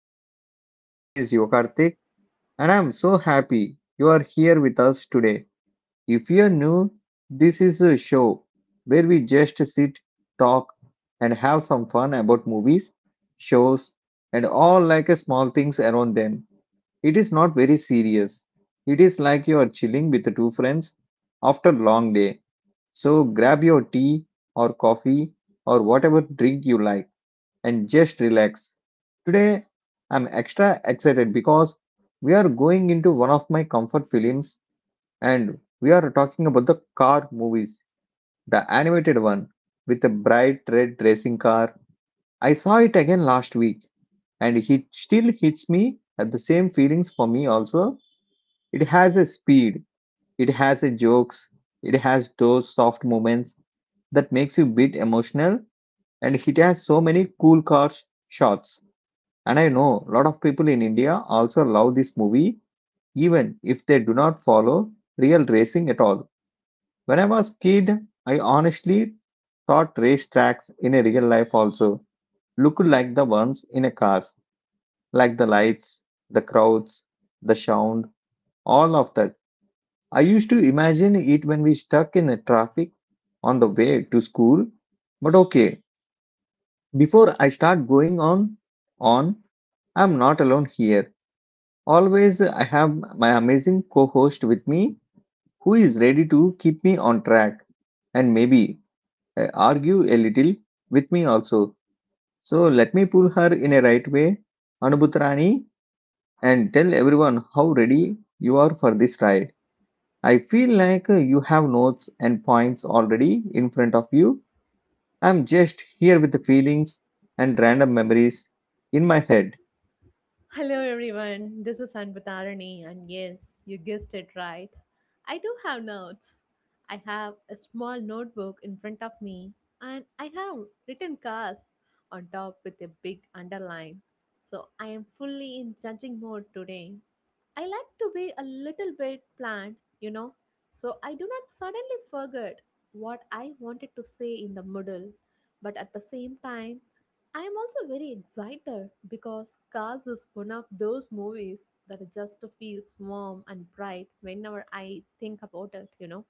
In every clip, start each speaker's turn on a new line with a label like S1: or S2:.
S1: Podcast. My name is Yokartik and I'm so happy you are here with us today. If you're new, this is a show where we just sit, talk and have some fun about movies, shows and all like a small things around them. It is not very serious. It is like you are chilling with two friends after a long day. So grab your tea or coffee or whatever drink you like and just relax. Today, I'm extra excited because we are going into one of my comfort films and we are talking about the car movies, the animated one with a bright red racing car. I saw it again last week and it still hits me at the same feelings for me also. It has a speed, it has a jokes, it has those soft moments that makes you bit emotional and it has so many cool shots. And I know a lot of people in India also love this movie, even if they do not follow real racing at all. When I was kid, I honestly thought race tracks in a real life also looked like the ones in a cars, like the lights, the crowds, the sound, all of that. I used to imagine it when we stuck in the traffic on the way to school. But okay, before I start going on, I'm not alone here. Always, I have my amazing co host with me who is ready to keep me on track and maybe argue a little with me also. So, let me pull her in a right way, Anubhutrani, and tell everyone how ready you are for this ride. I feel like you have notes and points already in front of you. I'm just here with the feelings and random memories in my head.
S2: Hello everyone, this is Anbatarani, and yes, you guessed it right. I do have notes. I have a small notebook in front of me, and I have written cards on top with a big underline. So I am fully in judging mode today. I like to be a little bit planned, you know, so I do not suddenly forget what I wanted to say in the middle. But at the same time, I am also very excited because Cars is one of those movies that just feels warm and bright whenever I think about it, you know.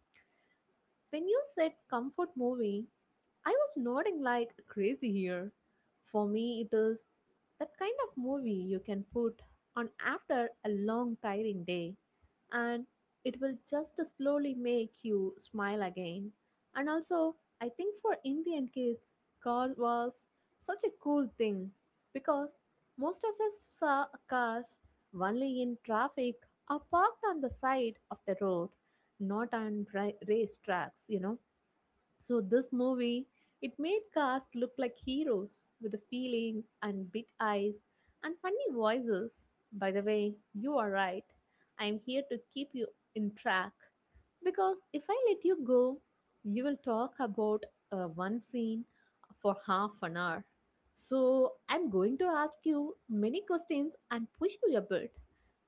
S2: When you said comfort movie, I was nodding like crazy here. For me, it is that kind of movie you can put on after a long, tiring day, and it will just slowly make you smile again. And also, I think for Indian kids, car was such a cool thing because most of us saw cars only in traffic or parked on the side of the road, not on race tracks, you know, so this movie, it made cast look like heroes with the feelings and big eyes and funny voices. By the way, you are right. I am here to keep you in track. Because if I let you go, you will talk about one scene for half an hour. So I'm going to ask you many questions and push you a bit.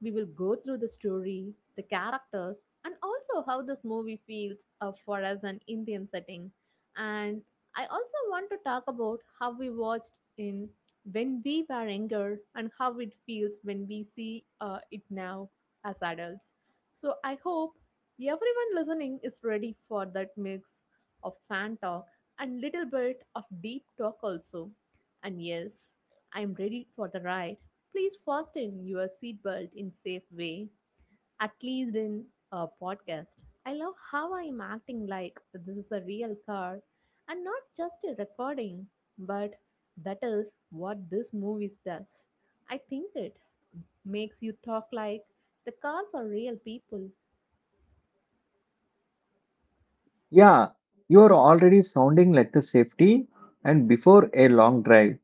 S2: We will go through the story, the characters, and also how this movie feels for us an Indian setting. And I also want to talk about how we watched in when we were younger and how it feels when we see it now as adults. So I hope everyone listening is ready for that mix of fan talk and little bit of deep talk also. And yes, I am ready for the ride. Please fasten your seatbelt in safe way, at least in a podcast. I love how I am acting like this is a real car and not just a recording, but that is what this movie does. I think it makes you talk like the cars are real people.
S1: Yeah, you're already sounding like the safety and before a long drive.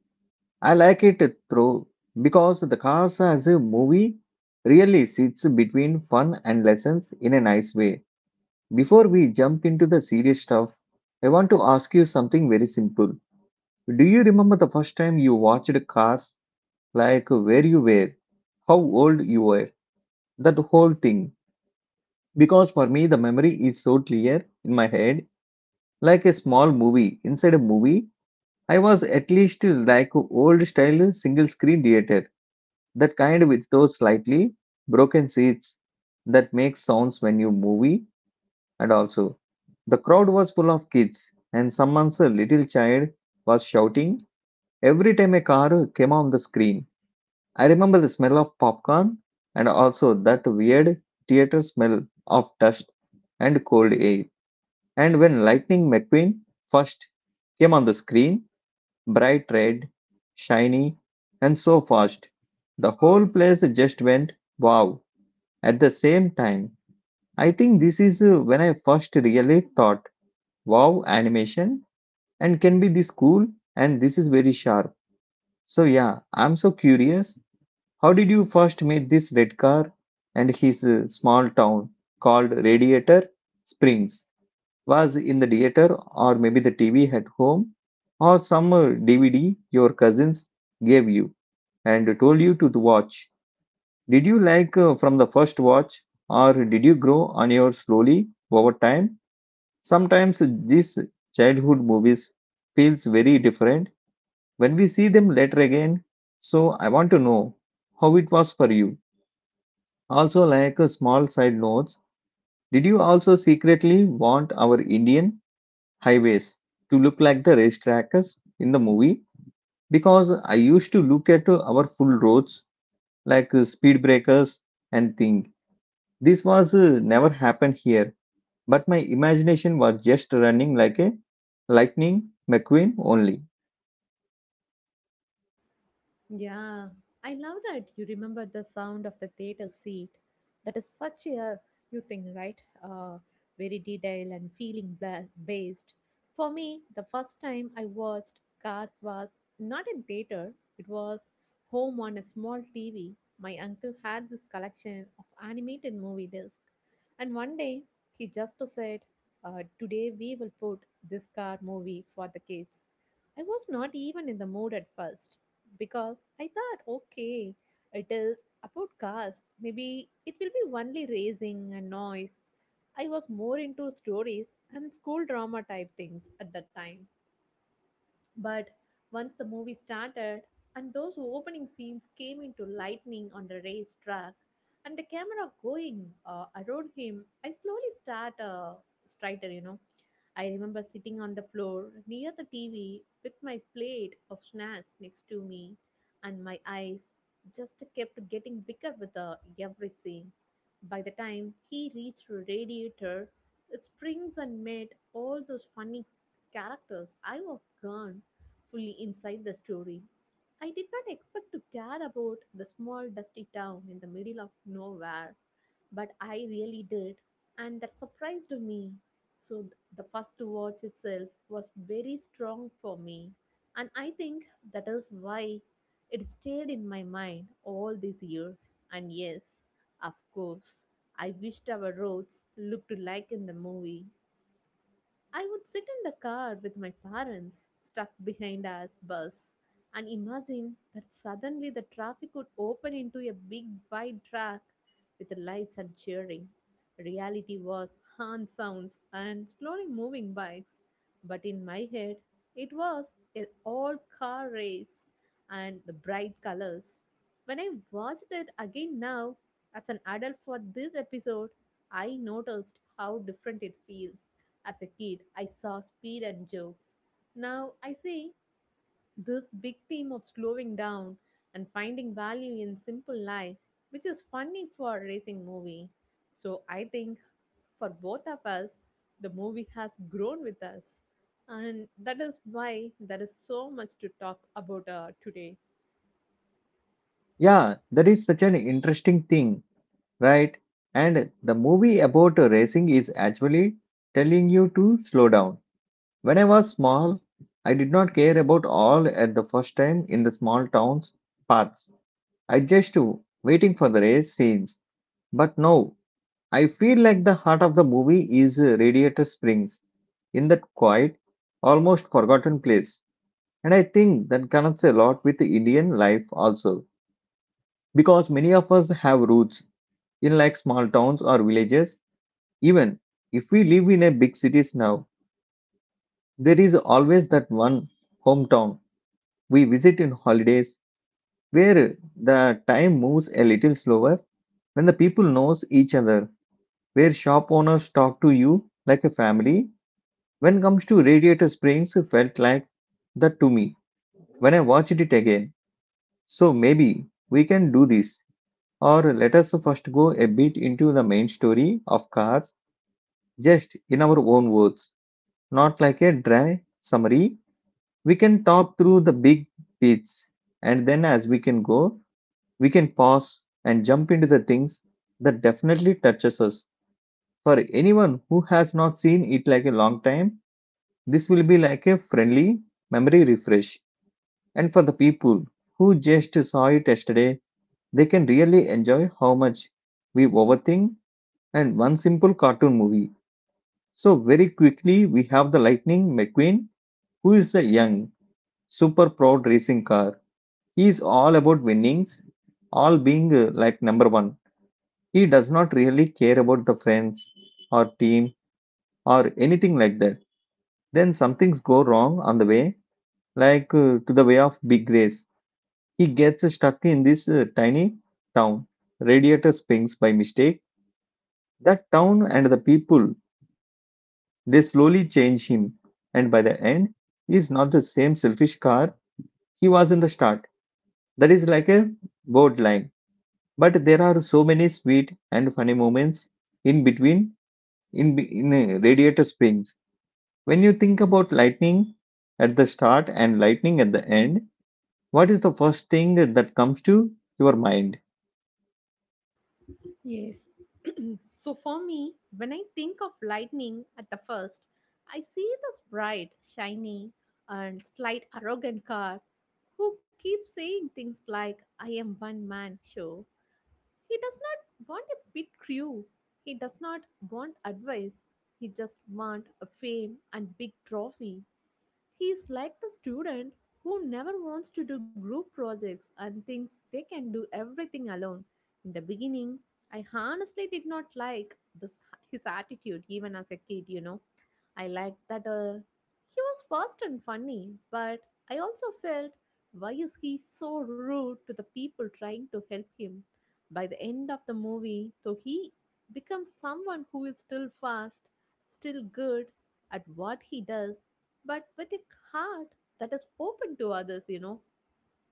S1: I like it through because the cars as a movie really sits between fun and lessons in a nice way. Before we jump into the serious stuff, I want to ask you something very simple. Do you remember the first time you watched Cars? Like where you were, how old you were, that whole thing? Because for me, the memory is so clear in my head, like a small movie inside a movie. I was at least like old style single screen theater, that kind with those slightly broken seats that make sounds when you movie, and also the crowd was full of kids and someone's little child was shouting every time a car came on the screen. I remember the smell of popcorn and also that weird theater smell of dust and cold air. And when Lightning McQueen first came on the screen, bright red, shiny, and so fast. The whole place just went wow. At the same time, I think this is when I first really thought wow, animation and can be this cool and this is very sharp. So, yeah, I'm so curious. How did you first meet this red car and his small town called Radiator Springs? Was in the theater or maybe the TV at home or some DVD your cousins gave you? And told you to watch. Did you like from the first watch, or did you grow on your slowly over time? Sometimes these childhood movies feels very different when we see them later again. So I want to know how it was for you. Also, like a small side notes, did you also secretly want our Indian highways to look like the racetracks in the movie? Because I used to look at our full roads like speed breakers and things. This was never happened here, but my imagination was just running like a lightning McQueen only.
S2: Yeah, I love that you remember the sound of the theater seat. That is such a you thing, right? Very detailed and feeling based. For me, the first time I watched Cars was not in theater. It was home on a small TV. My uncle had this collection of animated movie discs, and one day he just said, "Today we will put this car movie for the kids." I was not even in the mood at first because I thought, okay, it is about cars. Maybe it will be only racing and noise. I was more into stories and school drama type things at that time. But once the movie started and those opening scenes came into lightning on the race track and the camera going around him, I slowly start a strider, you know. I remember sitting on the floor near the TV with my plate of snacks next to me, and my eyes just kept getting bigger with every scene. By the time he reached Radiator, it springs and met all those funny characters. I was gone fully inside the story. I did not expect to care about the small dusty town in the middle of nowhere, but I really did, and that surprised me. So the first watch itself was very strong for me, and I think that is why it stayed in my mind all these years. And yes, of course, I wished our roads looked like in the movie. I would sit in the car with my parents, stuck behind our bus, and imagine that suddenly the traffic would open into a big wide track with the lights and cheering. Reality was horn sounds and slowly moving bikes, but in my head, it was an all car race and the bright colors. When I watched it again now, as an adult for this episode, I noticed how different it feels. As a kid, I saw speed and jokes. Now I see this big theme of slowing down and finding value in simple life, which is funny for a racing movie. So I think for both of us, the movie has grown with us. And that is why there is so much to talk about today.
S1: Yeah, that is such an interesting thing, right? And the movie about racing is actually telling you to slow down. When I was small, I did not care about all at the first time in the small town's paths. I just waiting for the race scenes. But now I feel like the heart of the movie is Radiator Springs, in that quiet, almost forgotten place. And I think that connects a lot with the Indian life also, because many of us have roots in like small towns or villages. Even if we live in a big cities now, there is always that one hometown we visit in holidays where the time moves a little slower, when the people knows each other, where shop owners talk to you like a family. When it comes to Radiator Springs, it felt like that to me when I watched it again. So maybe we can do this, or let us first go a bit into the main story of Cars, just in our own words, not like a dry summary. We can talk through the big bits, and then as we can go, we can pause and jump into the things that definitely touches us. For anyone who has not seen it like a long time, this will be like a friendly memory refresh. And for the people who just saw it yesterday, they can really enjoy how much we overthink and one simple cartoon movie. So, very quickly, we have the Lightning McQueen, who is a young, super proud racing car. He is all about winnings, all being like number one. He does not really care about the friends or team or anything like that. Then some things go wrong on the way, like to the way of big race. He gets stuck in this tiny town. Radiator swings by mistake. That town and the people, they slowly change him. And by the end, he is not the same selfish car he was in the start. That is like a borderline. But there are so many sweet and funny moments in between in Radiator Springs. When you think about lightning at the start and lightning at the end, what is the first thing that comes to your mind?
S2: Yes, so for me, when I think of lightning at the first, I see this bright, shiny, and slight arrogant car who keeps saying things like, I am one man show. He does not want a big crew. He does not want advice. He just want a fame and big trophy. He is like the student who never wants to do group projects and thinks they can do everything alone. In the beginning, I honestly did not like this his attitude even as a kid, you know. I liked that he was fast and funny, but I also felt, why is he so rude to the people trying to help him? By the end of the movie, though, he becomes someone who is still fast, still good at what he does, but with a heart that is open to others, you know.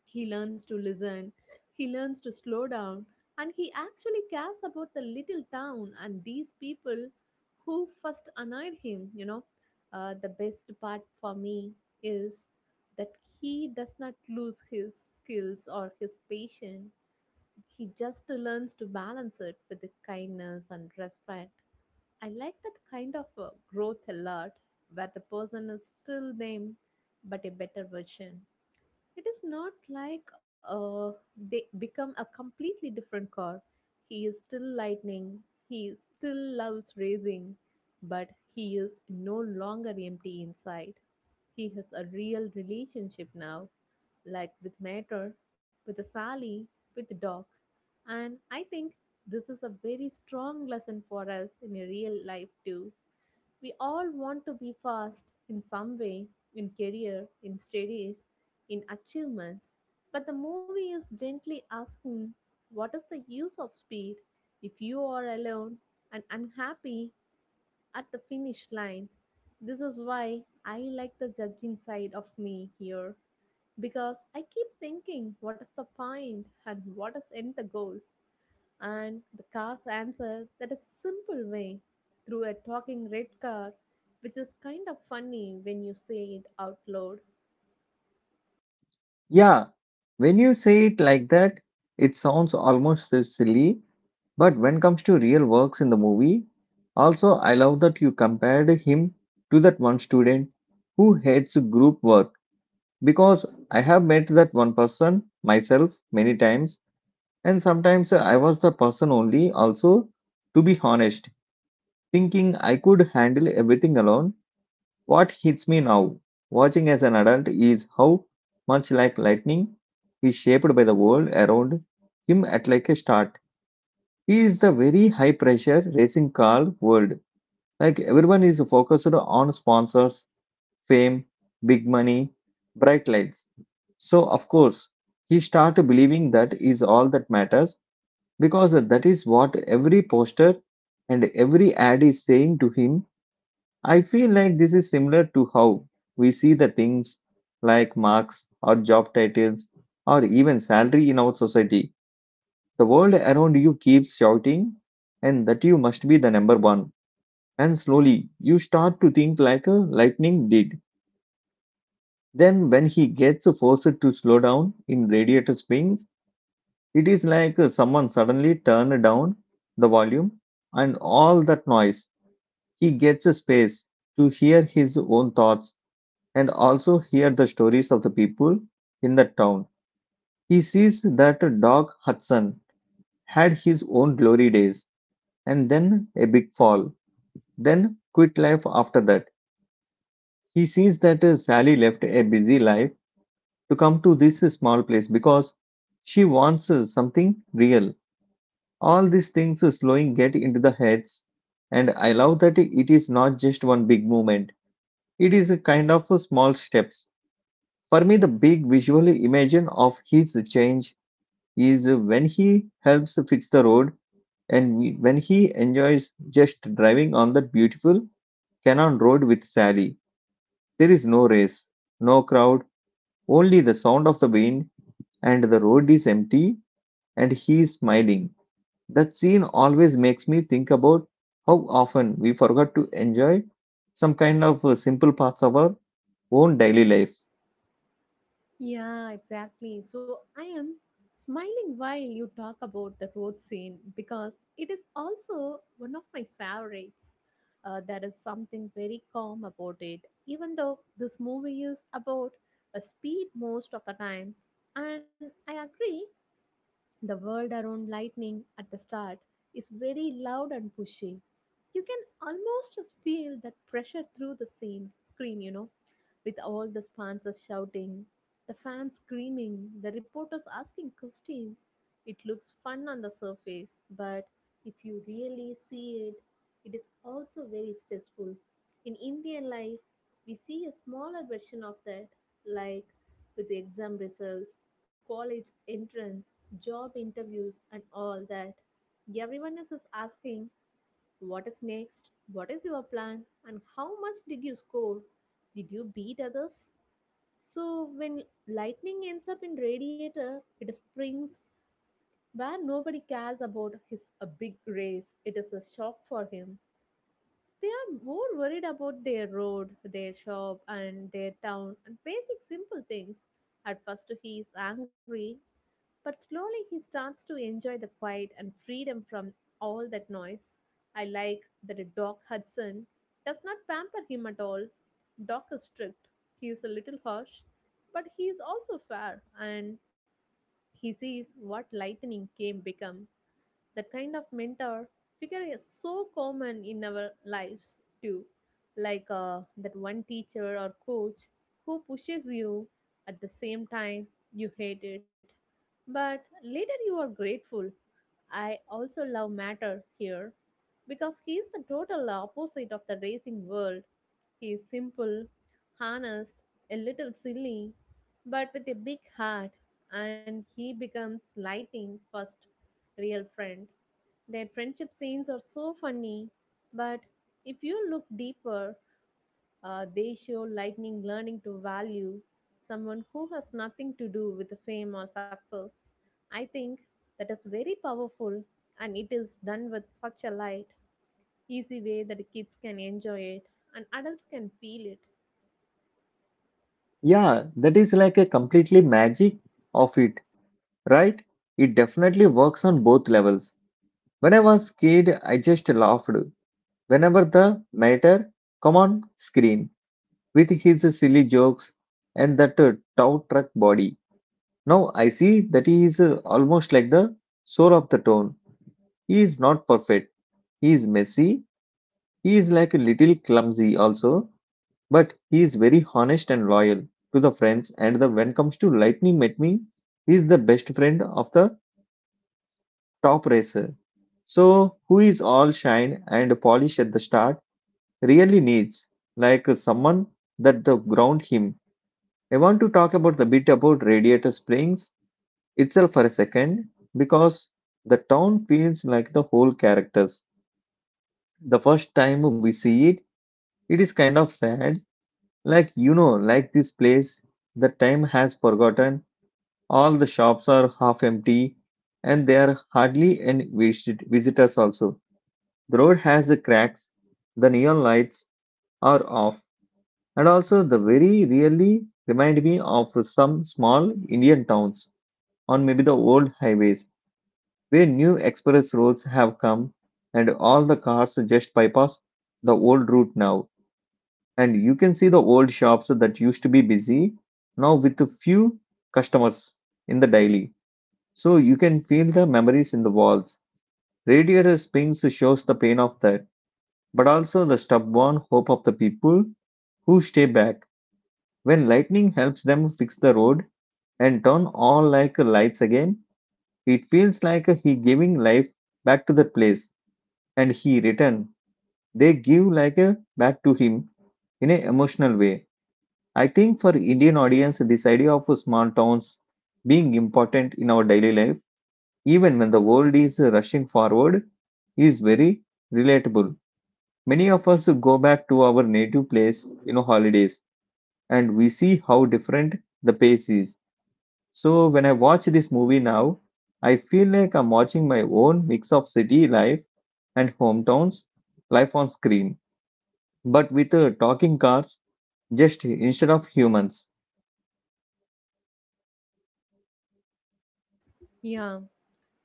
S2: He learns to listen, he learns to slow down, and he actually cares about the little town and these people who first annoyed him, you know. The best part for me is that he does not lose his skills or his patience. He just learns to balance it with the kindness and respect. I like that kind of growth a lot, where the person is still them, but a better version. It is not like they become a completely different car. He is still lightning. He still loves racing, but he is no longer empty inside. He has a real relationship now, like with Mater, with Sally, with Doc. And I think this is a very strong lesson for us in a real life too. We all want to be fast in some way, in career, in studies, in achievements. But the movie is gently asking, what is the use of speed if you are alone and unhappy at the finish line? This is why I like the judging side of me here, because I keep thinking what is the point and what is in the goal. And the car's answer that is simple way through a talking red car, which is kind of funny when you say it out loud.
S1: Yeah, when you say it like that, it sounds almost so silly, but when comes to real works in the movie, also I love that you compared him to that one student who hates group work because I have met that one person myself many times and sometimes I was the person only also, to be honest, thinking I could handle everything alone. What hits me now, watching as an adult, is how much like lightning he is shaped by the world around him at like a start. He is the very high pressure racing car world. Like everyone is focused on sponsors, fame, big money, bright lights. So of course, he start believing that is all that matters because that is what every poster and every ad is saying to him. I feel like this is similar to how we see the things like marks or job titles or even salary in our society. The world around you keeps shouting and that you must be the number one. And slowly you start to think like a lightning did. Then when he gets forced to slow down in radiator springs, it is like someone suddenly turned down the volume and all that noise. He gets a space to hear his own thoughts and also hear the stories of the people in the town. He sees that Doc Hudson had his own glory days and then a big fall, then quit life after that. He sees that Sally left a busy life to come to this small place because she wants something real. All these things slowing get into the heads, and I love that it is not just one big movement. It is a kind of small steps. For me, the big visual image of his change is when he helps fix the road and when he enjoys just driving on that beautiful Cannon Road with Sally. There is no race, no crowd, only the sound of the wind, and the road is empty, and he is smiling. That scene always makes me think about how often we forgot to enjoy some kind of simple parts of our own daily life.
S2: Yeah, exactly. So I am smiling while you talk about the road scene because it is also one of my favorites. There is something very calm about it, even though this movie is about a speed most of the time. And I agree, the world around lightning at the start is very loud and pushy. You can almost feel that pressure through the scene screen, you know, with all the sponsors shouting, the fans screaming, the reporters asking questions. It looks fun on the surface, but if you really see it, it is also very stressful. In Indian life, we see a smaller version of that, like with the exam results, college entrance, job interviews, and all that. Everyone is just asking, what is next? What is your plan? And how much did you score? Did you beat others? So when lightning ends up in radiator, it springs where nobody cares about his a big race. It is a shock for him. They are more worried about their road, their shop, and their town, and basic simple things. At first, he is angry, but slowly he starts to enjoy the quiet and freedom from all that noise. I like that Doc Hudson does not pamper him at all. Doc is strict, he is a little harsh, but he is also fair, and he sees what lightning can become. That kind of mentor figure is so common in our lives too, like that one teacher or coach who pushes you at the same time you hate it, but later you are grateful. I also love Matter here because he is the total opposite of the racing world. Is simple, honest, a little silly, but with a big heart, and he becomes lighting first real friend. Their friendship scenes are so funny, but if you look deeper, they show lightning learning to value someone who has nothing to do with fame or success. I think that is very powerful, and it is done with such a light, easy way that kids can enjoy it and adults can feel it.
S1: Yeah, that is like a completely magic of it, right? It definitely works on both levels. When I was kid, I just laughed whenever the mater come on screen with his silly jokes and that tow truck body. Now I see that he is almost like the soul of the tone. He is not perfect. He is messy. He is like a little clumsy also, but he is very honest and loyal to the friends. And the when comes to lightning met me, he is the best friend of the top racer. So who is all shine and polish at the start really needs, like someone that the ground him. I want to talk about the bit about Radiator Springs itself for a second because the town feels like the whole characters. The first time we see it, it is kind of sad. Like this place, the time has forgotten. All the shops are half empty, and there are hardly any visitors. Also, the road has cracks. The neon lights are off. And also, the very really remind me of some small Indian towns on maybe the old highways where new express roads have come and all the cars just bypass the old route now. And you can see the old shops that used to be busy now with a few customers in the daily. So you can feel the memories in the walls. Radiator Springs shows the pain of that, but also the stubborn hope of the people who stay back. When lightning helps them fix the road, and turn all like lights again. It feels like he giving life back to the place and he return. They give like a back to him in an emotional way. I think for Indian audience, this idea of small towns being important in our daily life, even when the world is rushing forward, is very relatable. Many of us go back to our native place, in holidays, and we see how different the pace is. So when I watch this movie now, I feel like I'm watching my own mix of city life and hometowns life on screen, but with talking cars just instead of humans.
S2: Yeah,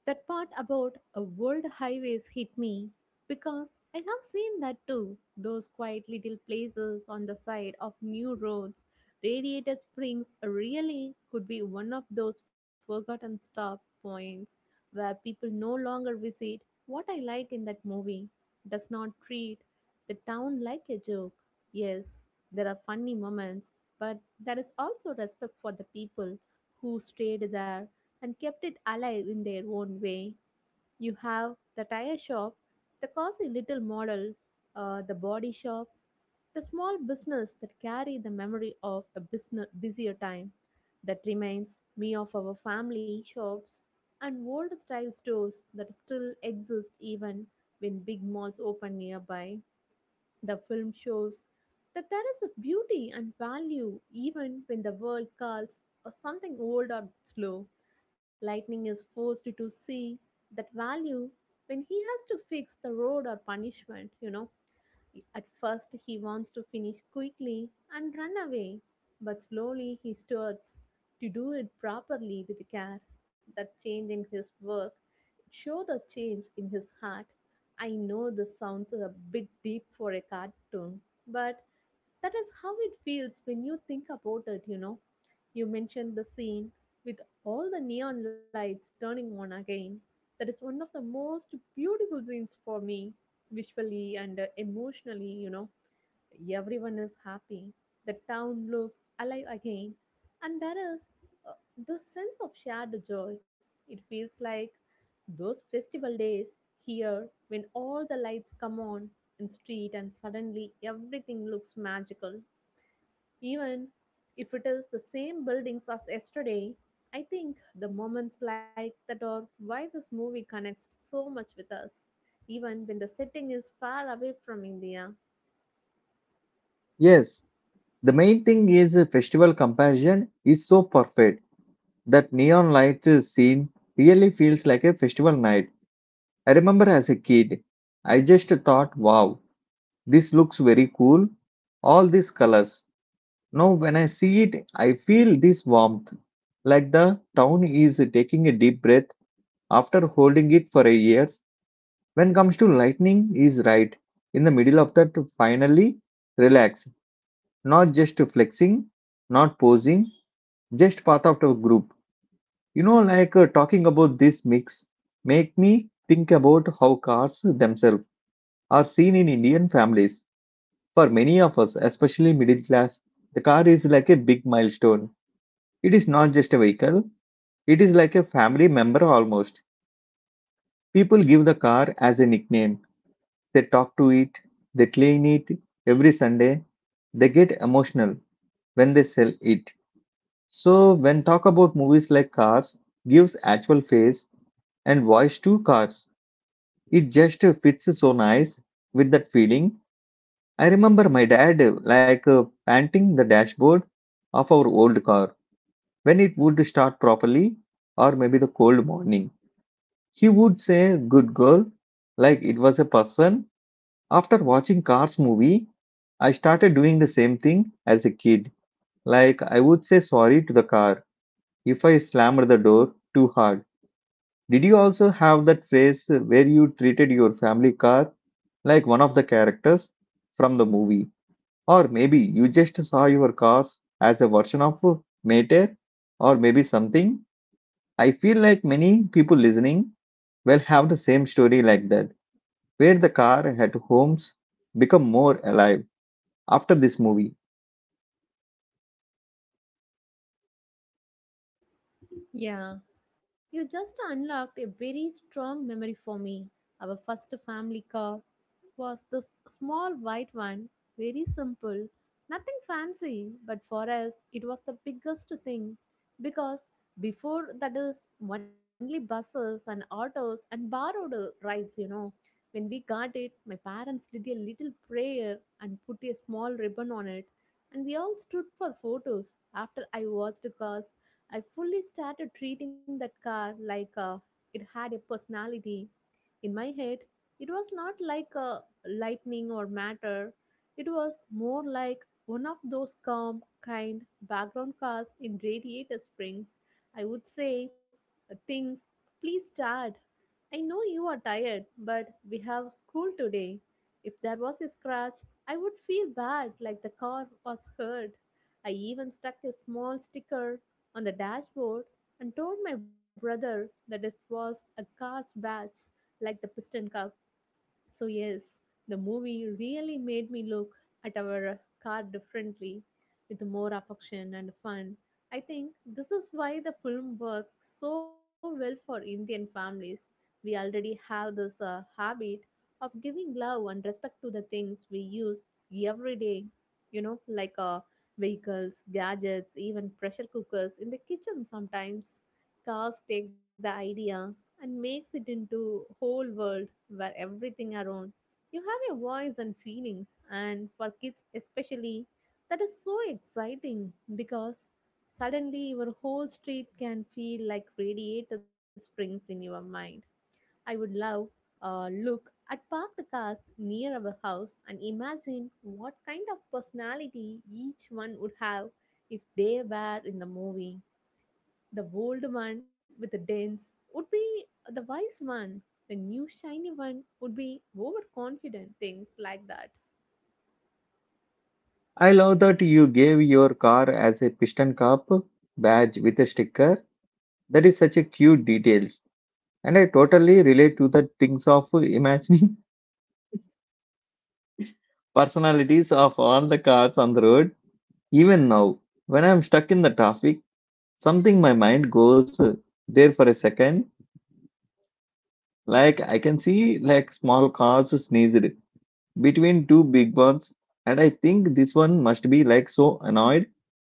S2: that part about a world highways hit me because I have seen that too. Those quiet little places on the side of new roads, Radiator Springs really could be one of those forgotten stop points where people no longer visit. What I like in that movie does not treat the town like a joke. Yes, there are funny moments, but there is also respect for the people who stayed there and kept it alive in their own way. You have the tire shop, the cozy little model, the body shop, the small business that carry the memory of a business, busier time. That reminds me of our family shops and old style stores that still exist even when big malls open nearby. The film shows that there is a beauty and value even when the world calls something old or slow. Lightning is forced to see that value when he has to fix the road or punishment. You know, at first, he wants to finish quickly and run away, but slowly he starts to do it properly with care. That change in his work show the change in his heart. I know this sounds a bit deep for a cartoon, but that is how it feels when you think about it, you know. You mentioned the scene with all the neon lights turning on again. That is one of the most beautiful scenes for me, visually and emotionally. Everyone is happy. The town looks alive again. And there is uh, this sense of shared joy. It feels like those festival days here when all the lights come on in street and suddenly everything looks magical even if it is the same buildings as yesterday. I think the moments like that are why this movie connects so much with us, even when the setting is far away from India.
S1: Yes, the main thing is the festival comparison is so perfect that neon light scene really feels like a festival night. I remember as a kid, I just thought, wow, this looks very cool. All these colors, now, when I see it, I feel this warmth, like the town is taking a deep breath after holding it for a years. When comes to lightning, is right in the middle of that. To finally, relax, not just flexing, not posing, just part of the group. Talking about this mix, make me think about how cars themselves are seen in Indian families. For many of us, especially middle class, the car is like a big milestone. It is not just a vehicle, it is like a family member almost. People give the car as a nickname. They talk to it, they clean it every Sunday, they get emotional when they sell it. So when talk about movies like Cars gives actual face and voice to cars, it just fits so nice with that feeling. I remember my dad panting the dashboard of our old car when it would start properly or maybe the cold morning. He would say, "Good girl," like it was a person. After watching Cars movie, I started doing the same thing as a kid. Like I would say sorry to the car if I slammed the door too hard. Did you also have that phase where you treated your family car like one of the characters from the movie? Or maybe you just saw your cars as a version of Maytag or maybe something? I feel like many people listening will have the same story like that where the car had homes become more alive after this movie.
S2: Yeah, you just unlocked a very strong memory for me. Our first family car was this small white one, very simple, nothing fancy, but for us it was the biggest thing because before that is only buses and autos and borrowed rides. When we got it, my parents did a little prayer and put a small ribbon on it, and we all stood for photos after I watched the cars I fully started treating that car like it had a personality. In my head, it was not like a lightning or matter. It was more like one of those calm, kind background cars in Radiator Springs. I would say things, please start, I know you are tired, but we have school today. If there was a scratch, I would feel bad like the car was hurt. I even stuck a small sticker on the dashboard and told my brother that it was a car's badge, like the piston cup. So, yes, the movie really made me look at our car differently with more affection and fun. I think this is why the film works so well for Indian families. We already have this habit of giving love and respect to the things we use every day, you know, like vehicles, gadgets, even pressure cookers in the kitchen sometimes. Cars take the idea and makes it into whole world where everything around you have a voice and feelings and for kids especially that is so exciting because suddenly your whole street can feel like radiated springs in your mind. I would love look at parked cars near our house and imagine what kind of personality each one would have if they were in the movie. The old one with the dents would be the wise one. The new shiny one would be overconfident, things like that.
S1: I love that you gave your car as a piston cup badge with a sticker. That is such a cute details. And I totally relate to the things of imagining personalities of all the cars on the road. Even now, when I'm stuck in the traffic, something my mind goes there for a second. Like I can see like small cars sneezed between two big ones, and I think this one must be like so annoyed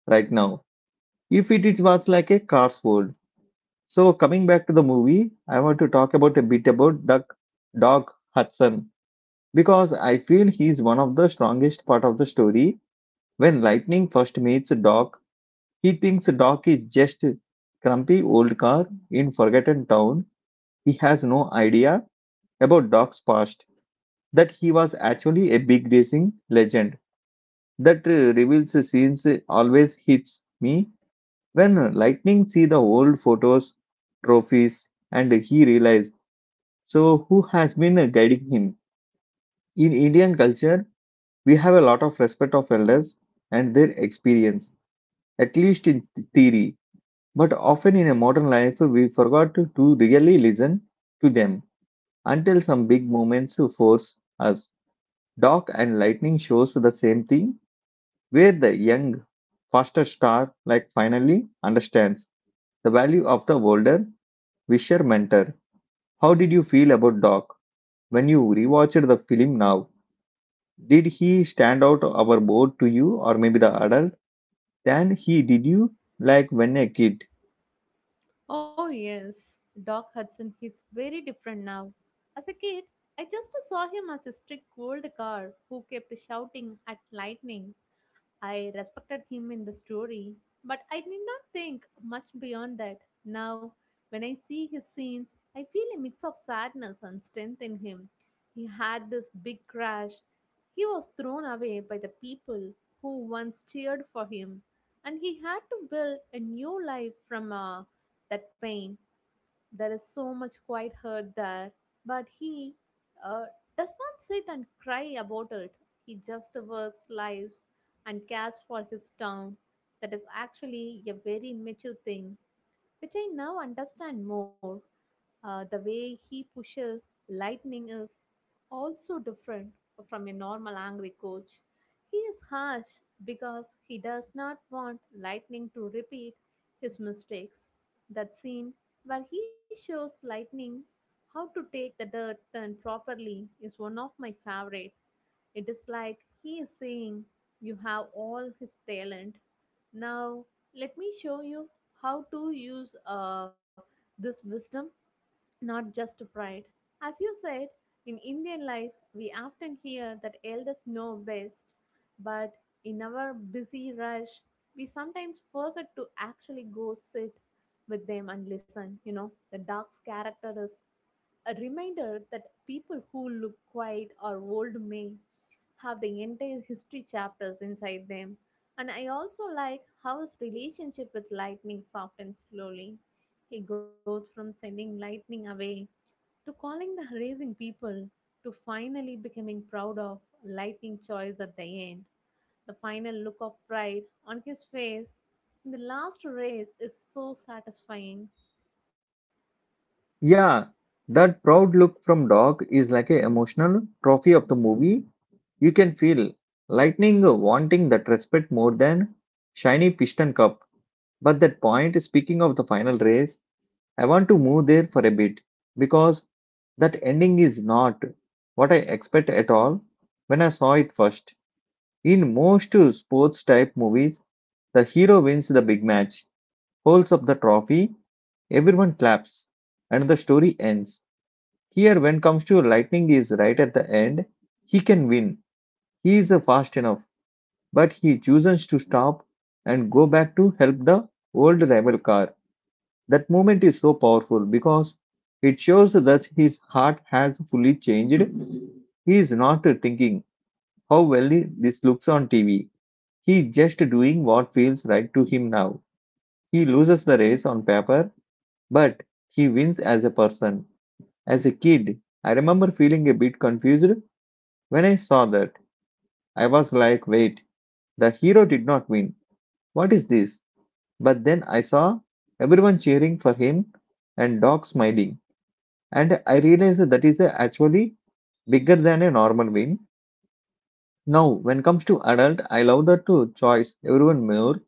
S1: right now. If it was like a car's world. So coming back to the movie, I want to talk about a bit about Doc, Doc Hudson because I feel he's one of the strongest part of the story. When Lightning first meets Doc, he thinks Doc is just a grumpy old car in forgotten town. He has no idea about Doc's past that he was actually a big racing legend. That reveals scenes always hits me when lightning see the old photos trophies and he realized so who has been guiding him. In Indian culture we have a lot of respect of elders and their experience, at least in theory, but often in a modern life we forgot to really listen to them until some big moments force us. Doc and lightning shows the same thing where the young, faster star like finally understands the value of the older, wisher mentor. How did you feel about Doc when you rewatched the film now? Did he stand out our board to you or maybe the adult than he did you like when a kid?
S2: Oh, yes, Doc Hudson hits very different now. As a kid, I just saw him as a strict old guard who kept shouting at lightning. I respected him in the story, but I did not think much beyond that. Now, when I see his scenes, I feel a mix of sadness and strength in him. He had this big crash. He was thrown away by the people who once cheered for him, and he had to build a new life from that pain. There is so much quiet hurt there, but he uh, does not sit and cry about it. He just works, lives, and cares for his town. That is actually a very mature thing, which I now understand more. The way he pushes lightning is also different from a normal angry coach. He is harsh because he does not want Lightning to repeat his mistakes. That scene where he shows Lightning how to take the dirt turn properly is one of my favorite. It is like he is saying, "You have all his talent. Now, let me show you how to use this wisdom not just pride." As you said, in Indian life, we often hear that elders know best, but in our busy rush, we sometimes forget to actually go sit with them and listen. You know, the dog's character is a reminder that people who look quiet or old may have the entire history chapters inside them. And I also like how his relationship with lightning softens slowly. He goes from sending lightning away to calling the raising people to finally becoming proud of lightning choice at the end. The final look of pride on his face in the last race is so satisfying.
S1: Yeah, that proud look from Doc is like a emotional trophy of the movie. You can feel lightning wanting that respect more than shiny piston cup. But that point, speaking of the final race, I want to move there for a bit because that ending is not what I expect at all when I saw it first. In most sports type movies, the hero wins the big match, holds up the trophy, everyone claps, and the story ends. Here, when comes to lightning is right at the end, he can win. He is fast enough, but he chooses to stop and go back to help the old rival car. That moment is so powerful because it shows that his heart has fully changed. He is not thinking how well this looks on TV. He is just doing what feels right to him now. He loses the race on paper, but he wins as a person. As a kid, I remember feeling a bit confused when I saw that. I was like, wait, the hero did not win. What is this? But then I saw everyone cheering for him and Doc smiling. And I realized that is a actually bigger than a normal win. Now when comes to adult I love the two choice everyone more.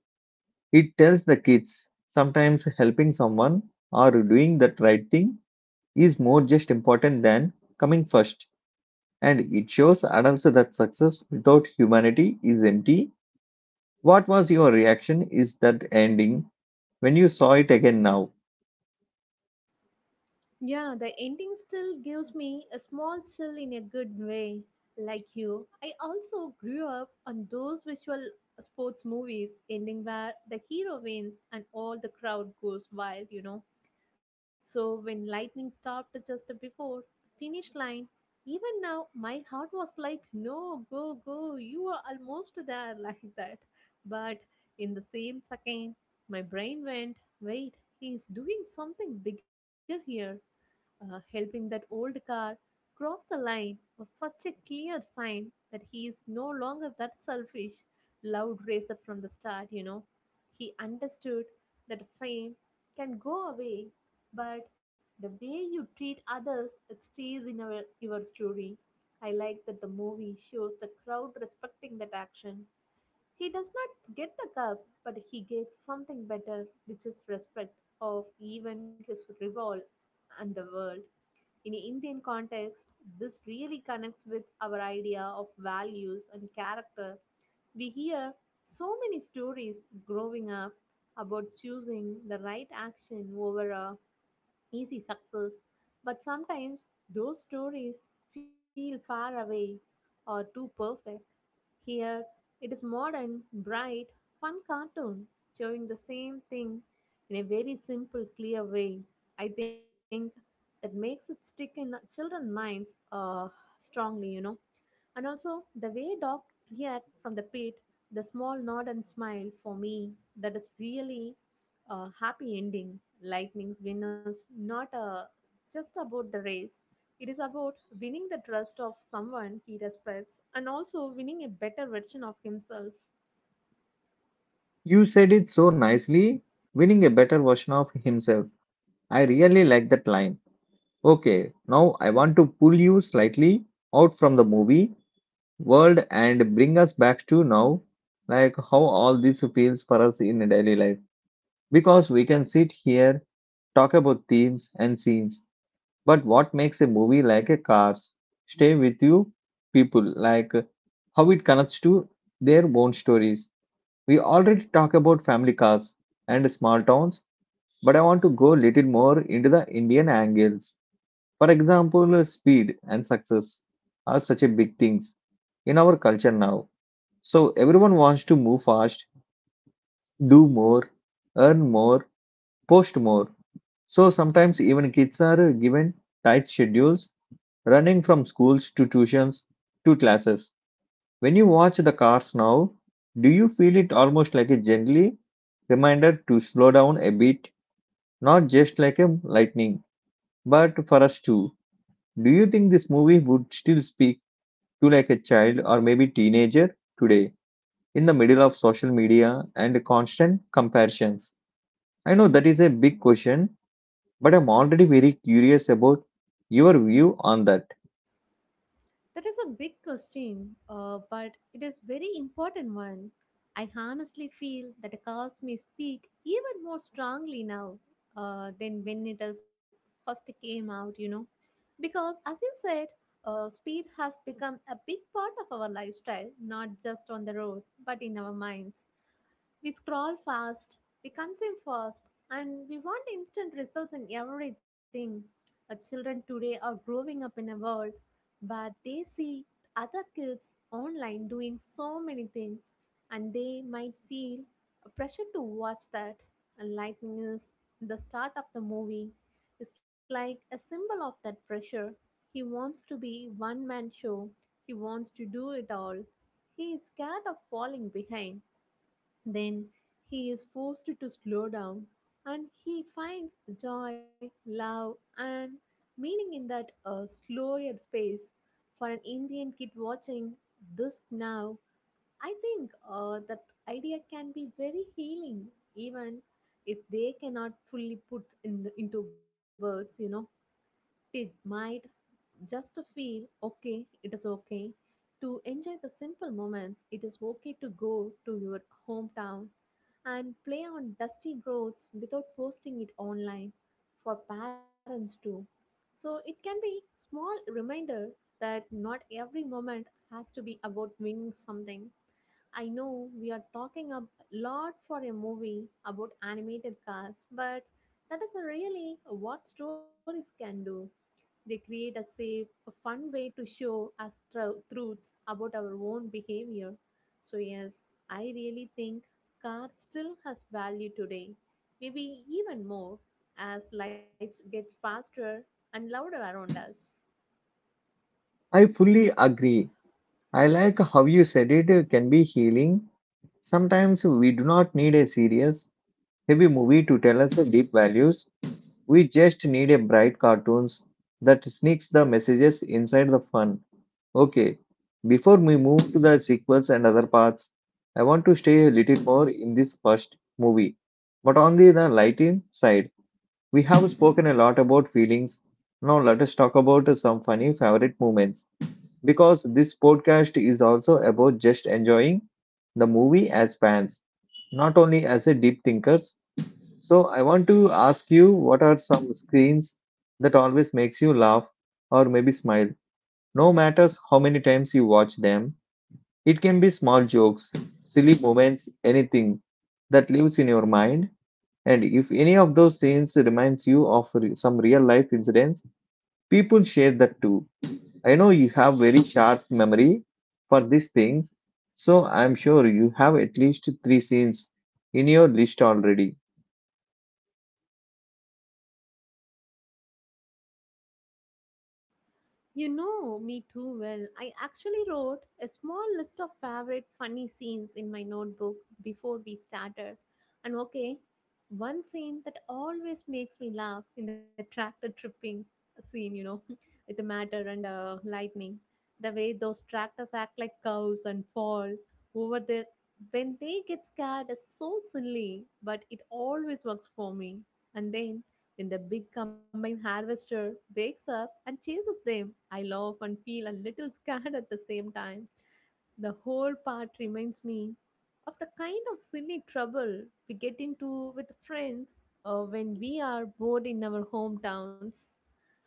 S1: It tells the kids sometimes helping someone or doing that right thing is more just important than coming first, and it shows adults that success without humanity is empty. What was your reaction is that ending when you saw it again now?
S2: Yeah, the ending still gives me a small chill in a good way. Like you, I also grew up on those visual sports movies ending where the hero wins and all the crowd goes wild. So when lightning stopped just before the finish line, even now my heart was like, no, go, go, you are almost there, like that. But in the same second, my brain went, wait, he's doing something bigger here helping that old car cross the line was such a clear sign that he is no longer that selfish, loud racer from the start. He understood that fame can go away, but the way you treat others, it stays in our, your story. I like that the movie shows the crowd respecting that action. He does not get the cup, but he gets something better, which is respect of even his rival and the world. In Indian context, this really connects with our idea of values and character. We hear so many stories growing up about choosing the right action over a easy success. But sometimes those stories feel far away or too perfect. Here, it is modern, bright, fun cartoon showing the same thing in a very simple, clear way. I think that makes it stick in children's minds strongly. And also, the way dog react from the pit, the small nod and smile for me, that is really a happy ending. Lightning's win is not a, just about the race. It is about winning the trust of someone he respects and also winning a better version of himself.
S1: You said it so nicely, winning a better version of himself. I really like that line. Okay, now I want to pull you slightly out from the movie world and bring us back to now, like how all this feels for us in daily life. Because we can sit here, talk about themes and scenes, but what makes a movie like a Cars stay with you, people, like how it connects to their own stories. We already talk about family cars and small towns, but I want to go little more into the Indian angles. For example, speed and success are such a big things in our culture now. So everyone wants to move fast, do more, earn more, post more. So sometimes even kids are given tight schedules, running from schools to tuitions to classes. When you watch the cars now, do you feel it almost like a gently reminder to slow down a bit, not just like a lightning, but for us too? Do you think this movie would still speak you like a child or maybe teenager today in the middle of social media and constant comparisons? I know that is a big question, but I'm already very curious about your view on that.
S2: That is a big question, but it is very important one. I honestly feel that a cause may speak even more strongly now than when it is first came out. You know. Because, as you said, speed has become a big part of our lifestyle, not just on the road, but in our minds. We scroll fast, we consume fast, and we want instant results in everything. Our children today are growing up in a world where they see other kids online doing so many things, and they might feel a pressure to watch that. And lightning is the start of the movie it's like a symbol of that pressure. He wants to be one man show. He wants to do it all. He is scared of falling behind. Then he is forced to slow down and he finds joy, love and meaning in that slower space. For an Indian kid watching this now, I think that idea can be very healing even if they cannot fully put in into words. It might just feel okay, it is okay to enjoy the simple moments. It is okay to go to your hometown and play on dusty roads without posting it online for parents too. So it can be small reminder that not every moment has to be about winning something. I know we are talking a lot for a movie about animated cars, but that is really what stories can do. They create a safe, a fun way to show us truths about our own behavior. So, yes, I really think car still has value today, maybe even more as life gets faster and louder around us.
S1: I fully agree. I like how you said it can be healing. Sometimes we do not need a serious, heavy movie to tell us the deep values. We just need a bright cartoons that sneaks the messages inside the fun. Okay, before we move to the sequels and other parts, I want to stay a little more in this first movie. But on the lighting side, we have spoken a lot about feelings. Now let us talk about some funny favorite moments because this podcast is also about just enjoying the movie as fans, not only as a deep thinkers. So I want to ask you what are some screens that always makes you laugh or maybe smile no matters how many times you watch them, it can be small jokes, silly moments, anything that lives in your mind. And if any of those scenes reminds you of some real life incidents, people share that too. I know you have very sharp memory for these things, so I'm sure you have at least three scenes in your list already.
S2: You know me too well. I actually wrote a small list of favorite funny scenes in my notebook before we started. And okay, one scene that always makes me laugh in the tractor tripping scene, you know, with the matter and lightning. The way those tractors act like cows and fall over there when they get scared is so silly, but it always works for me. And then when the big combine harvester wakes up and chases them, I laugh and feel a little scared at the same time. The whole part reminds me of the kind of silly trouble we get into with friends when we are bored in our hometowns,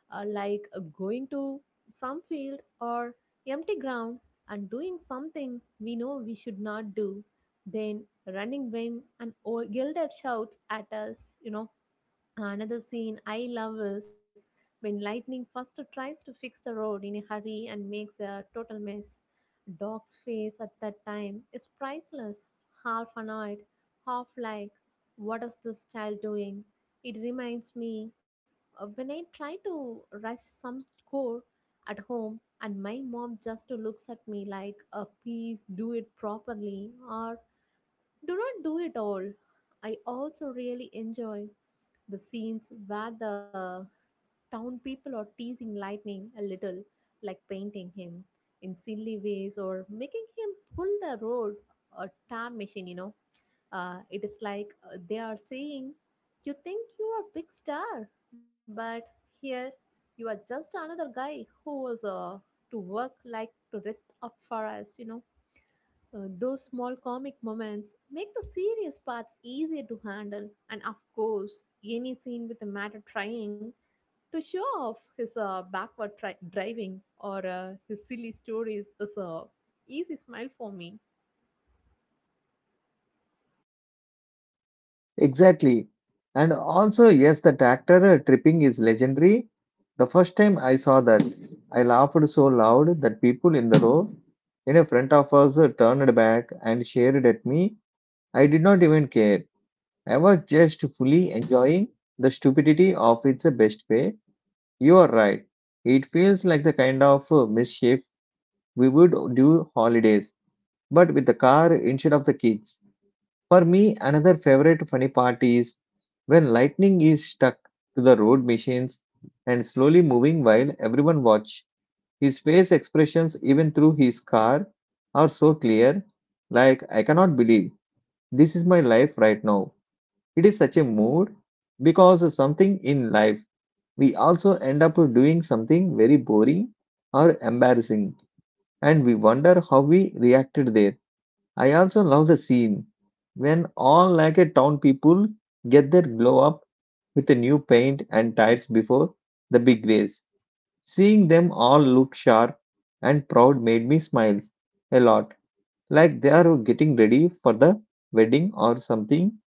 S2: going to some field or empty ground and doing something we know we should not do, then running when an old elder shouts at us, another scene I love is when Lightning first tries to fix the road in a hurry and makes a total mess. Doc's face at that time is priceless, half annoyed, half like, what is this child doing? It reminds me of when I try to rush some chore at home and my mom just looks at me like, please do it properly or do not do it all." I also really enjoy the scenes where the town people are teasing Lightning a little, like painting him in silly ways or making him pull the road a tar machine, It is like they are saying, you think you are a big star, but here you are just another guy who was to work like to rest up for us, those small comic moments make the serious parts easier to handle, and of course, any scene with a matter trying to show off his driving or his silly stories is a easy smile for me.
S1: Exactly. And also, yes, the tractor tripping is legendary. The first time I saw that, I laughed so loud that people in the row in front of us turned back and stared at me. I did not even care. I was just fully enjoying the stupidity of its best way. You are right. It feels like the kind of mischief we would do holidays, but with the car instead of the kids. For me, another favorite funny part is when lightning is stuck to the road machines and slowly moving while everyone watch. His face expressions, even through his car, are so clear. Like I cannot believe this is my life right now. It is such a mood because something in life we also end up doing something very boring or embarrassing, and we wonder how we reacted there. I also love the scene when all like a town people get their glow up with a new paint and tires before the big race. Seeing them all look sharp and proud made me smile a lot, like they are getting ready for the wedding or something.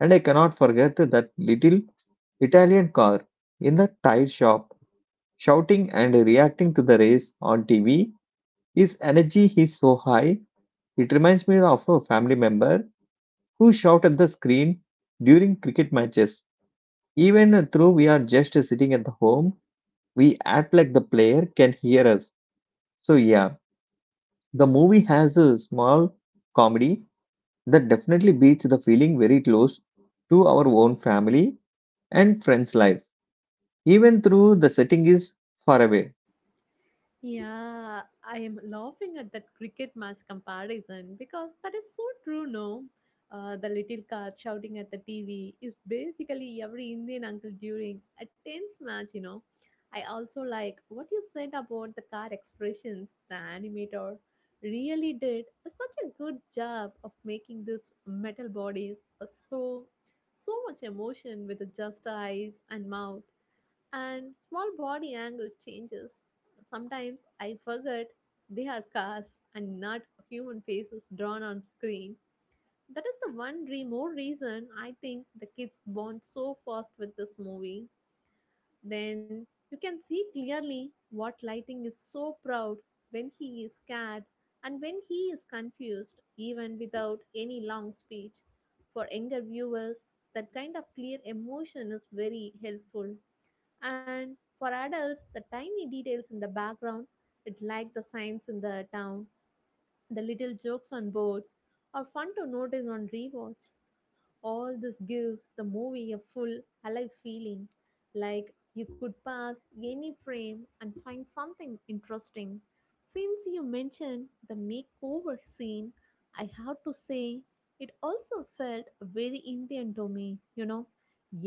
S1: And I cannot forget that little Italian car in the tire shop shouting and reacting to the race on TV. His energy is so high, it reminds me of a family member who shout at the screen during cricket matches. Even though we are just sitting at the home, we act like the player can hear us. So, yeah, the movie has a small comedy that definitely beats the feeling very close to our own family and friends' life, even though the setting is far away.
S2: Yeah, I am laughing at that cricket match comparison because that is so true, no? The little cat shouting at the TV is basically every Indian uncle during a tense match, you know. I also like what you said about the car expressions. The animator really did such a good job of making these metal bodies so much emotion with just eyes and mouth and small body angle changes. Sometimes I forget they are cars and not human faces drawn on screen. That is the more reason I think the kids bond so fast with this movie. Then you can see clearly what Lighting is so proud when he is scared and when he is confused, even without any long speech. For younger viewers, that kind of clear emotion is very helpful. And for adults, the tiny details in the background, it like the signs in the town, the little jokes on boards, are fun to notice on rewatch. All this gives the movie a full, alive feeling, like you could pass any frame and find something interesting. Since you mentioned the makeover scene, I have to say it also felt very Indian to me, you know.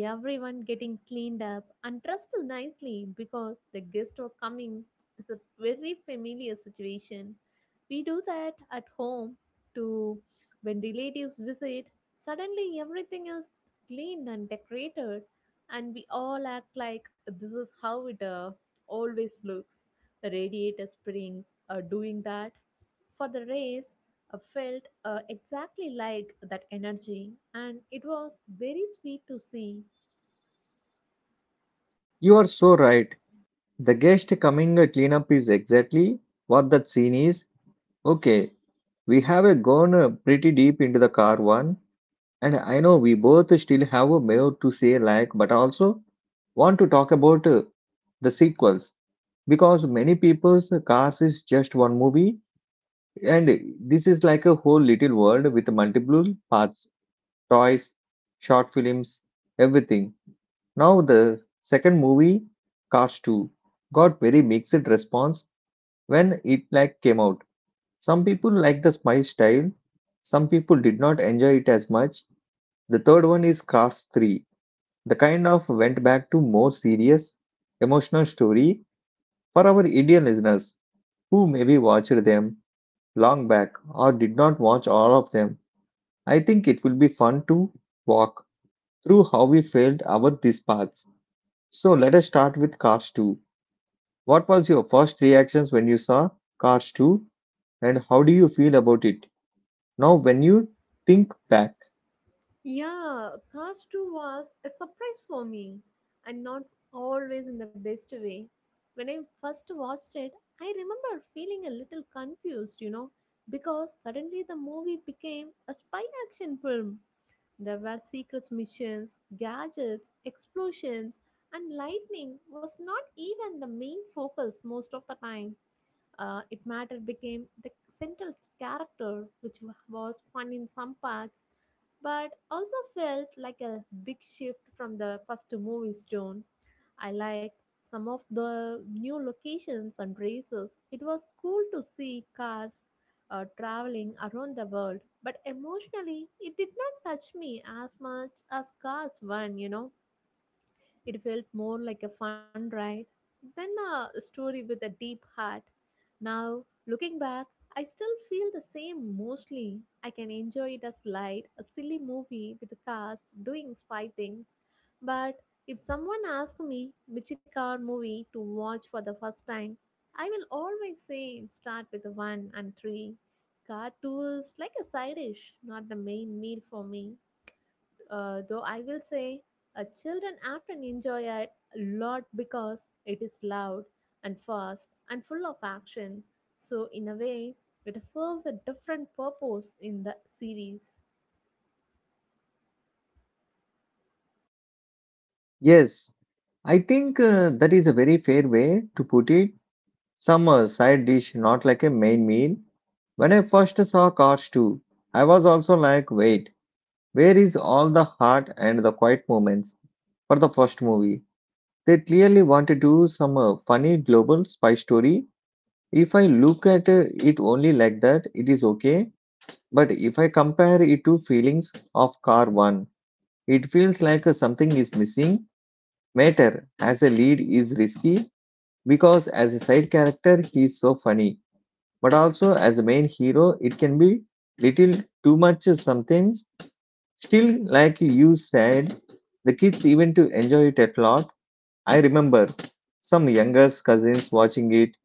S2: Everyone getting cleaned up and dressed nicely because the guests are coming is a very familiar situation. We do that at home to when relatives visit. Suddenly, everything is cleaned and decorated, and we all act like this is how it always looks. The radiator springs are doing that. For the race, felt exactly like that energy, and it was very sweet to see.
S1: You are so right. The guest coming cleanup is exactly what that scene is. Okay, we have gone pretty deep into the car one, and I know we both still have more to say, like, but also want to talk about the sequels, because many people's Cars is just one movie, and this is like a whole little world with multiple parts, toys, short films, everything. Now the second movie, Cars 2, got very mixed response when it like came out. Some people liked the spice style, some people did not enjoy it as much. The third one is Cars 3. The kind of went back to more serious, emotional story for our Indian listeners who maybe watched them long back or did not watch all of them. I think it will be fun to walk through how we felt about these paths. So let us start with Cars 2. What was your first reactions when you saw Cars 2, and how do you feel about it now when you think back?
S2: Yeah, Cars 2 was a surprise for me and not always in the best way. When I first watched it, I remember feeling a little confused, you know, because suddenly the movie became a spy action film. There were secret missions, gadgets, explosions, and lightning was not even the main focus most of the time. It matter became the central character, which was fun in some parts, but also felt like a big shift from the first movie's tone. I liked some of the new locations and races. It was cool to see cars traveling around the world, but emotionally, it did not touch me as much as Cars 1, you know. It felt more like a fun ride than a story with a deep heart. Now, looking back, I still feel the same mostly. I can enjoy it as light, a silly movie with cars doing spy things. But if someone asks me which car movie to watch for the first time, I will always say start with one and three. Car two is like a side dish, not the main meal for me. Though I will say, children often enjoy it a lot because it is loud and fast and full of action. So, in a way, it serves a different purpose in the series.
S1: Yes, I think that is a very fair way to put it. Some side dish, not like a main meal. When I first saw Cars 2, I was also like, wait, where is all the heart and the quiet moments for the first movie? They clearly want to do some funny global spy story. If I look at it only like that, it is okay. But if I compare it to feelings of Car 1, it feels like something is missing. Mater as a lead is risky because as a side character, he is so funny, but also as a main hero, it can be little too much sometimes. Still, like you said, the kids even to enjoy it a lot. I remember some younger cousins watching it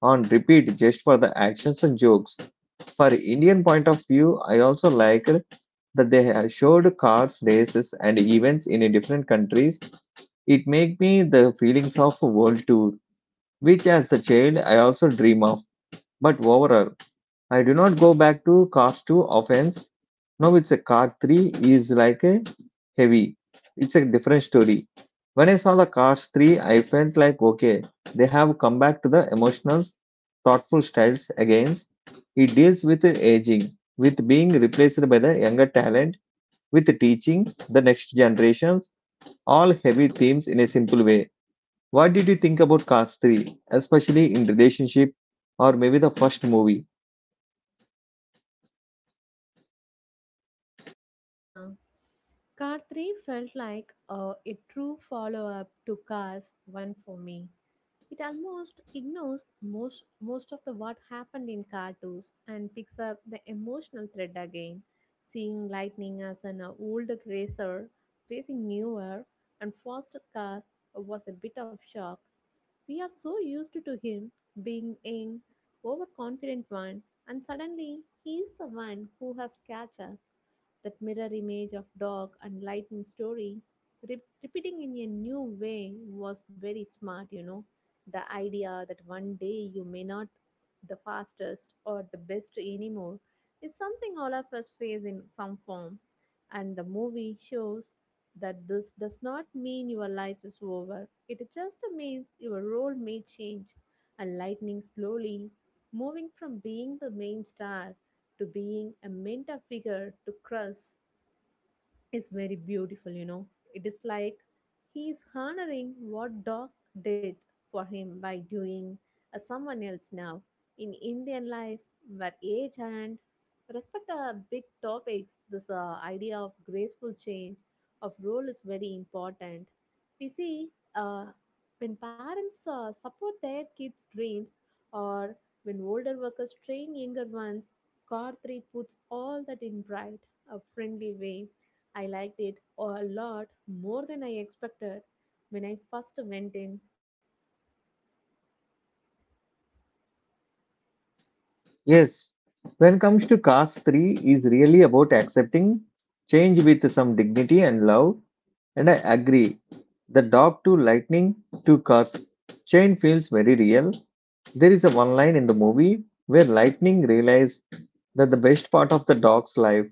S1: on repeat just for the actions and jokes. For Indian point of view, I also liked that they have showed cars, races, and events in different countries. It made me the feelings of a world tour, which as a child I also dream of. But overall, I do not go back to cars two often. Now it's a car 3 is like a heavy. It's a different story. When I saw the cars 3, I felt like okay, they have come back to the emotional, thoughtful styles again. It deals with aging, with being replaced by the younger talent, with teaching the next generations, all heavy themes in a simple way. What did you think about Cars 3, especially in relationship or maybe the first movie?
S2: Yeah, Car 3 felt like a true follow up to Cars 1 for me. It almost ignores most of the what happened in cartoons and picks up the emotional thread again, seeing lightning as an old racer facing newer and faster cars was a bit of shock. We are so used to him being an overconfident one, and suddenly he is the one who has catch up. That mirror image of dog and lightning story repeating in a new way was very smart, you know. The idea that one day you may not the fastest or the best anymore is something all of us face in some form, and the movie shows that this does not mean your life is over, it just means your role may change. And lightning slowly moving from being the main star to being a mentor figure to crush is very beautiful, you know. It is like he is honoring what dog did for him by doing a someone else now. In Indian life, where age and respect are big topics, this idea of graceful change of role is very important. We see uh, when parents support their kids' dreams or when older workers train younger ones, Kartri puts all that in bright, a friendly way. I liked it a lot more than I expected when I first went in.
S1: Yes, when it comes to Caste 3 is really about accepting change with some dignity and love, and I agree. The dog to lightning to cars chain feels very real. There is a one line in the movie where Lightning realized that the best part of the dog's life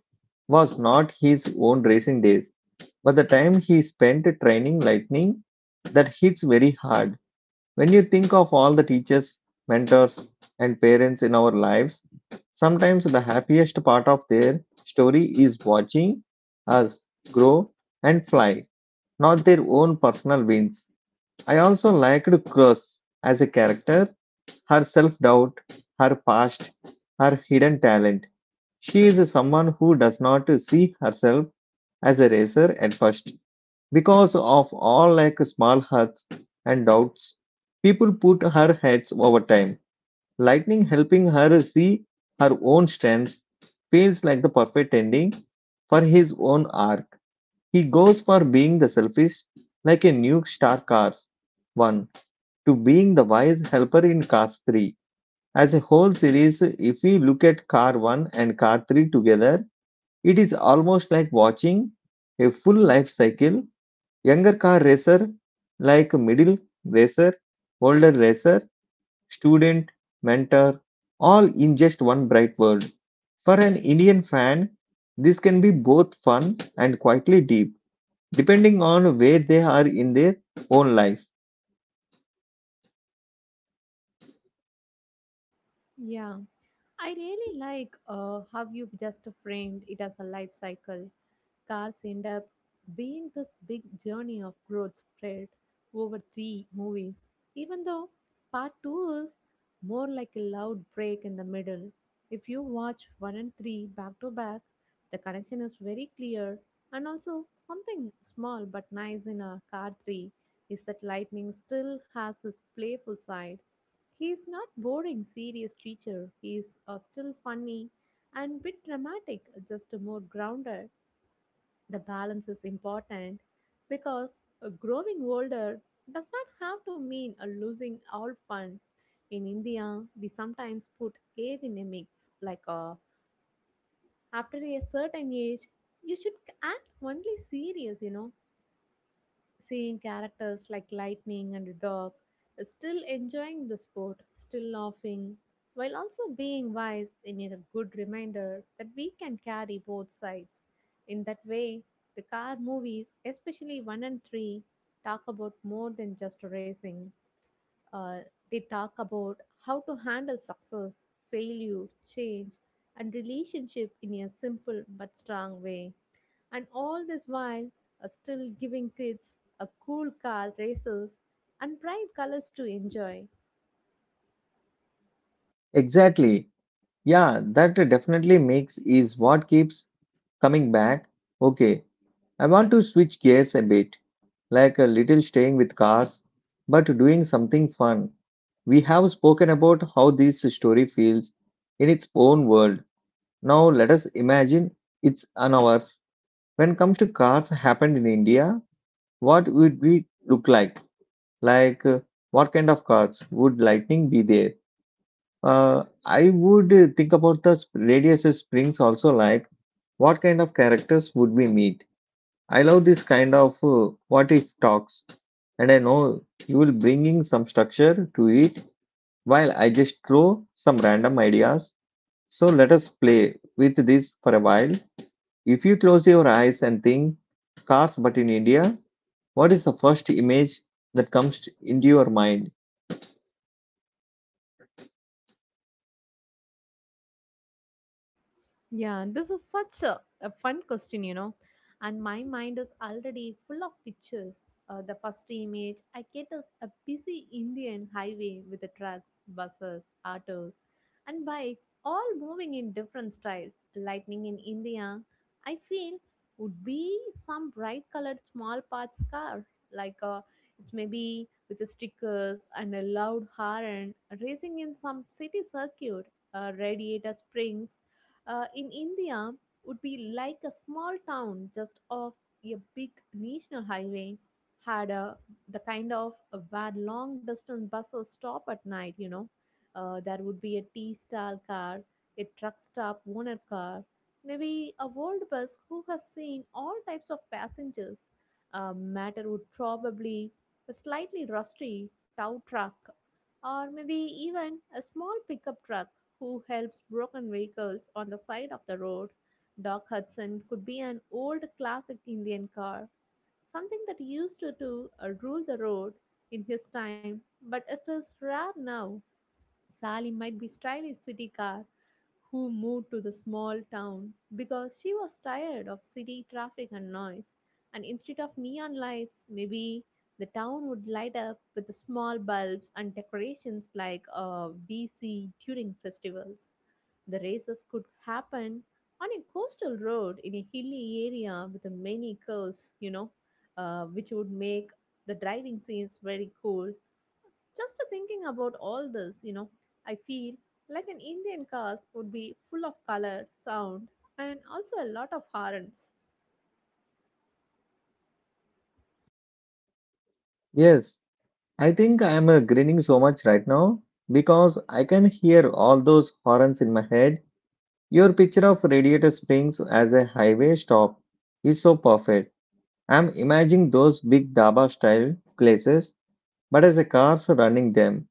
S1: was not his own racing days, but the time he spent training Lightning. That hits very hard. When you think of all the teachers, mentors, and parents in our lives, sometimes the happiest part of their story is watching us grow and fly, not their own personal wins. I also liked Cross as a character, her self doubt, her past, her hidden talent. She is someone who does not see herself as a racer at first, because of all like small hurts and doubts, people put her heads over time. Lightning helping her see her own strengths feels like the perfect ending for his own arc. He goes for being the selfish, like a new Star Cars 1, to being the wise helper in Cars 3. As a whole series, if we look at Car 1 and Car 3 together, it is almost like watching a full life cycle. Younger car racer like middle racer, older racer, student, mentor, all in just one bright word. For an Indian fan, this can be both fun and quietly deep, depending on where they are in their own life.
S2: Yeah, I really like how you've just framed it as a life cycle. Cars end up being this big journey of growth spread over three movies, even though part two is more like a loud break in the middle. If you watch one and three back to back, the connection is very clear, and also something small but nice in a car three is that lightning still has his playful side. He's not boring, serious teacher. He's still funny and bit dramatic, just more grounded. The balance is important because growing older does not have to mean losing all fun. In India, we sometimes put age in a mix, like after a certain age, you should act only serious, you know, seeing characters like Lightning and Dog still enjoying the sport, still laughing, while also being wise in a good reminder that we can carry both sides. In that way, the car movies, especially 1 and 3, talk about more than just racing. Uh, they talk about how to handle success, failure, change, and relationship in a simple but strong way. And all this while, still giving kids a cool car races and bright colors to enjoy.
S1: Exactly. Yeah, that definitely makes is what keeps coming back. Okay, I want to switch gears a bit, like a little staying with cars, but doing something fun. We have spoken about how this story feels in its own world. Now let us imagine it's an ours. When comes to cars happened in India, what would we look like? Like what kind of cars would lightning be there? I would think about the radius of springs also like what kind of characters would we meet? I love this kind of what if talks, and I know you will bringing some structure to it while I just throw some random ideas. So let us play with this for a while. If you close your eyes and think cars but in India, what is the first image that comes into your mind?
S2: Yeah, this is such a fun question, you know. And my mind is already full of pictures. The first image I get is a busy Indian highway with the trucks, buses, autos, and bikes all moving in different styles. Lightning in India, I feel, would be some bright colored small parts car, like it's maybe with the stickers and a loud horn racing in some city circuit. Radiator springs in India would be like a small town just off a big national highway, had a, the kind of where long distance buses stop at night, you know. There would be a tea stall car, a truck stop owner car, maybe a world bus who has seen all types of passengers. Matter would probably a slightly rusty tow truck or maybe even a small pickup truck who helps broken vehicles on the side of the road. Doc Hudson could be an old classic Indian car, something that used to rule the road in his time, but it is rare now. Sally might be stylish city car, who moved to the small town because she was tired of city traffic and noise. And instead of neon lights, maybe the town would light up with the small bulbs and decorations like we see during festivals. The races could happen on a coastal road in a hilly area with many curves, you know, which would make the driving scenes very cool just thinking about all this, you know, I feel like an Indian cast would be full of color, sound, and also a lot of horns.
S1: Yes, I think I am grinning so much right now because I can hear all those horns in my head. Your picture of Radiator Springs as a highway stop is so perfect. I'm imagining those big dhaba style places, but as the cars running them.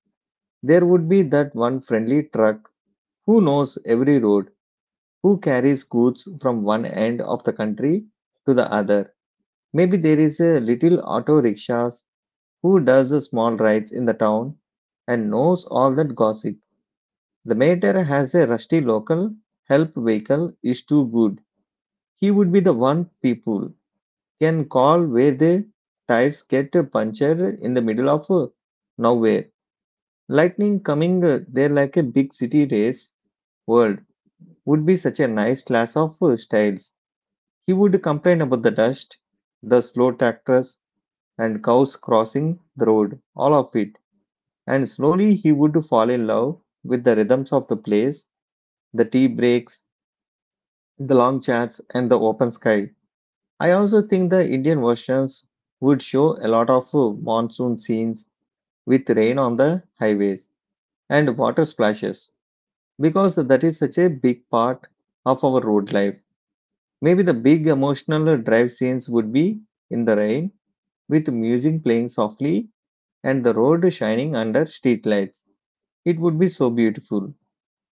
S1: There would be that one friendly truck who knows every road, who carries goods from one end of the country to the other. Maybe there is a little auto rickshaws who does a small rides in the town and knows all that gossip. The mater has a rusty local help vehicle is too good. He would be the one people can call where the tires get punctured in the middle of nowhere. Lightning coming there like a big city race world would be such a nice class of styles. He would complain about the dust, the slow tractors, and cows crossing the road, all of it. And slowly he would fall in love with the rhythms of the place, the tea breaks, the long chats, and the open sky. I also think the Indian versions would show a lot of monsoon scenes with rain on the highways and water splashes because that is such a big part of our road life. Maybe the big emotional drive scenes would be in the rain with music playing softly and the road shining under streetlights. It would be so beautiful.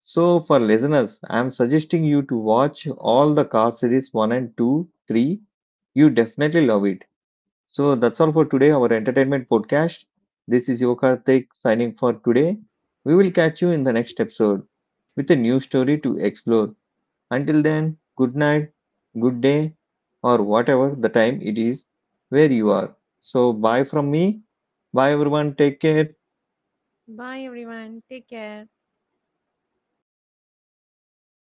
S1: So, for listeners, I'm suggesting you to watch all the Car Series 1 and 2, 3. You definitely love it. So, that's all for today, our entertainment podcast. This is Yokarthik signing for today. We will catch you in the next episode with a new story to explore. Until then, good night, good day, or whatever the time it is where you are. So, bye from me. Bye, everyone. Take care.
S2: Bye everyone. Take care.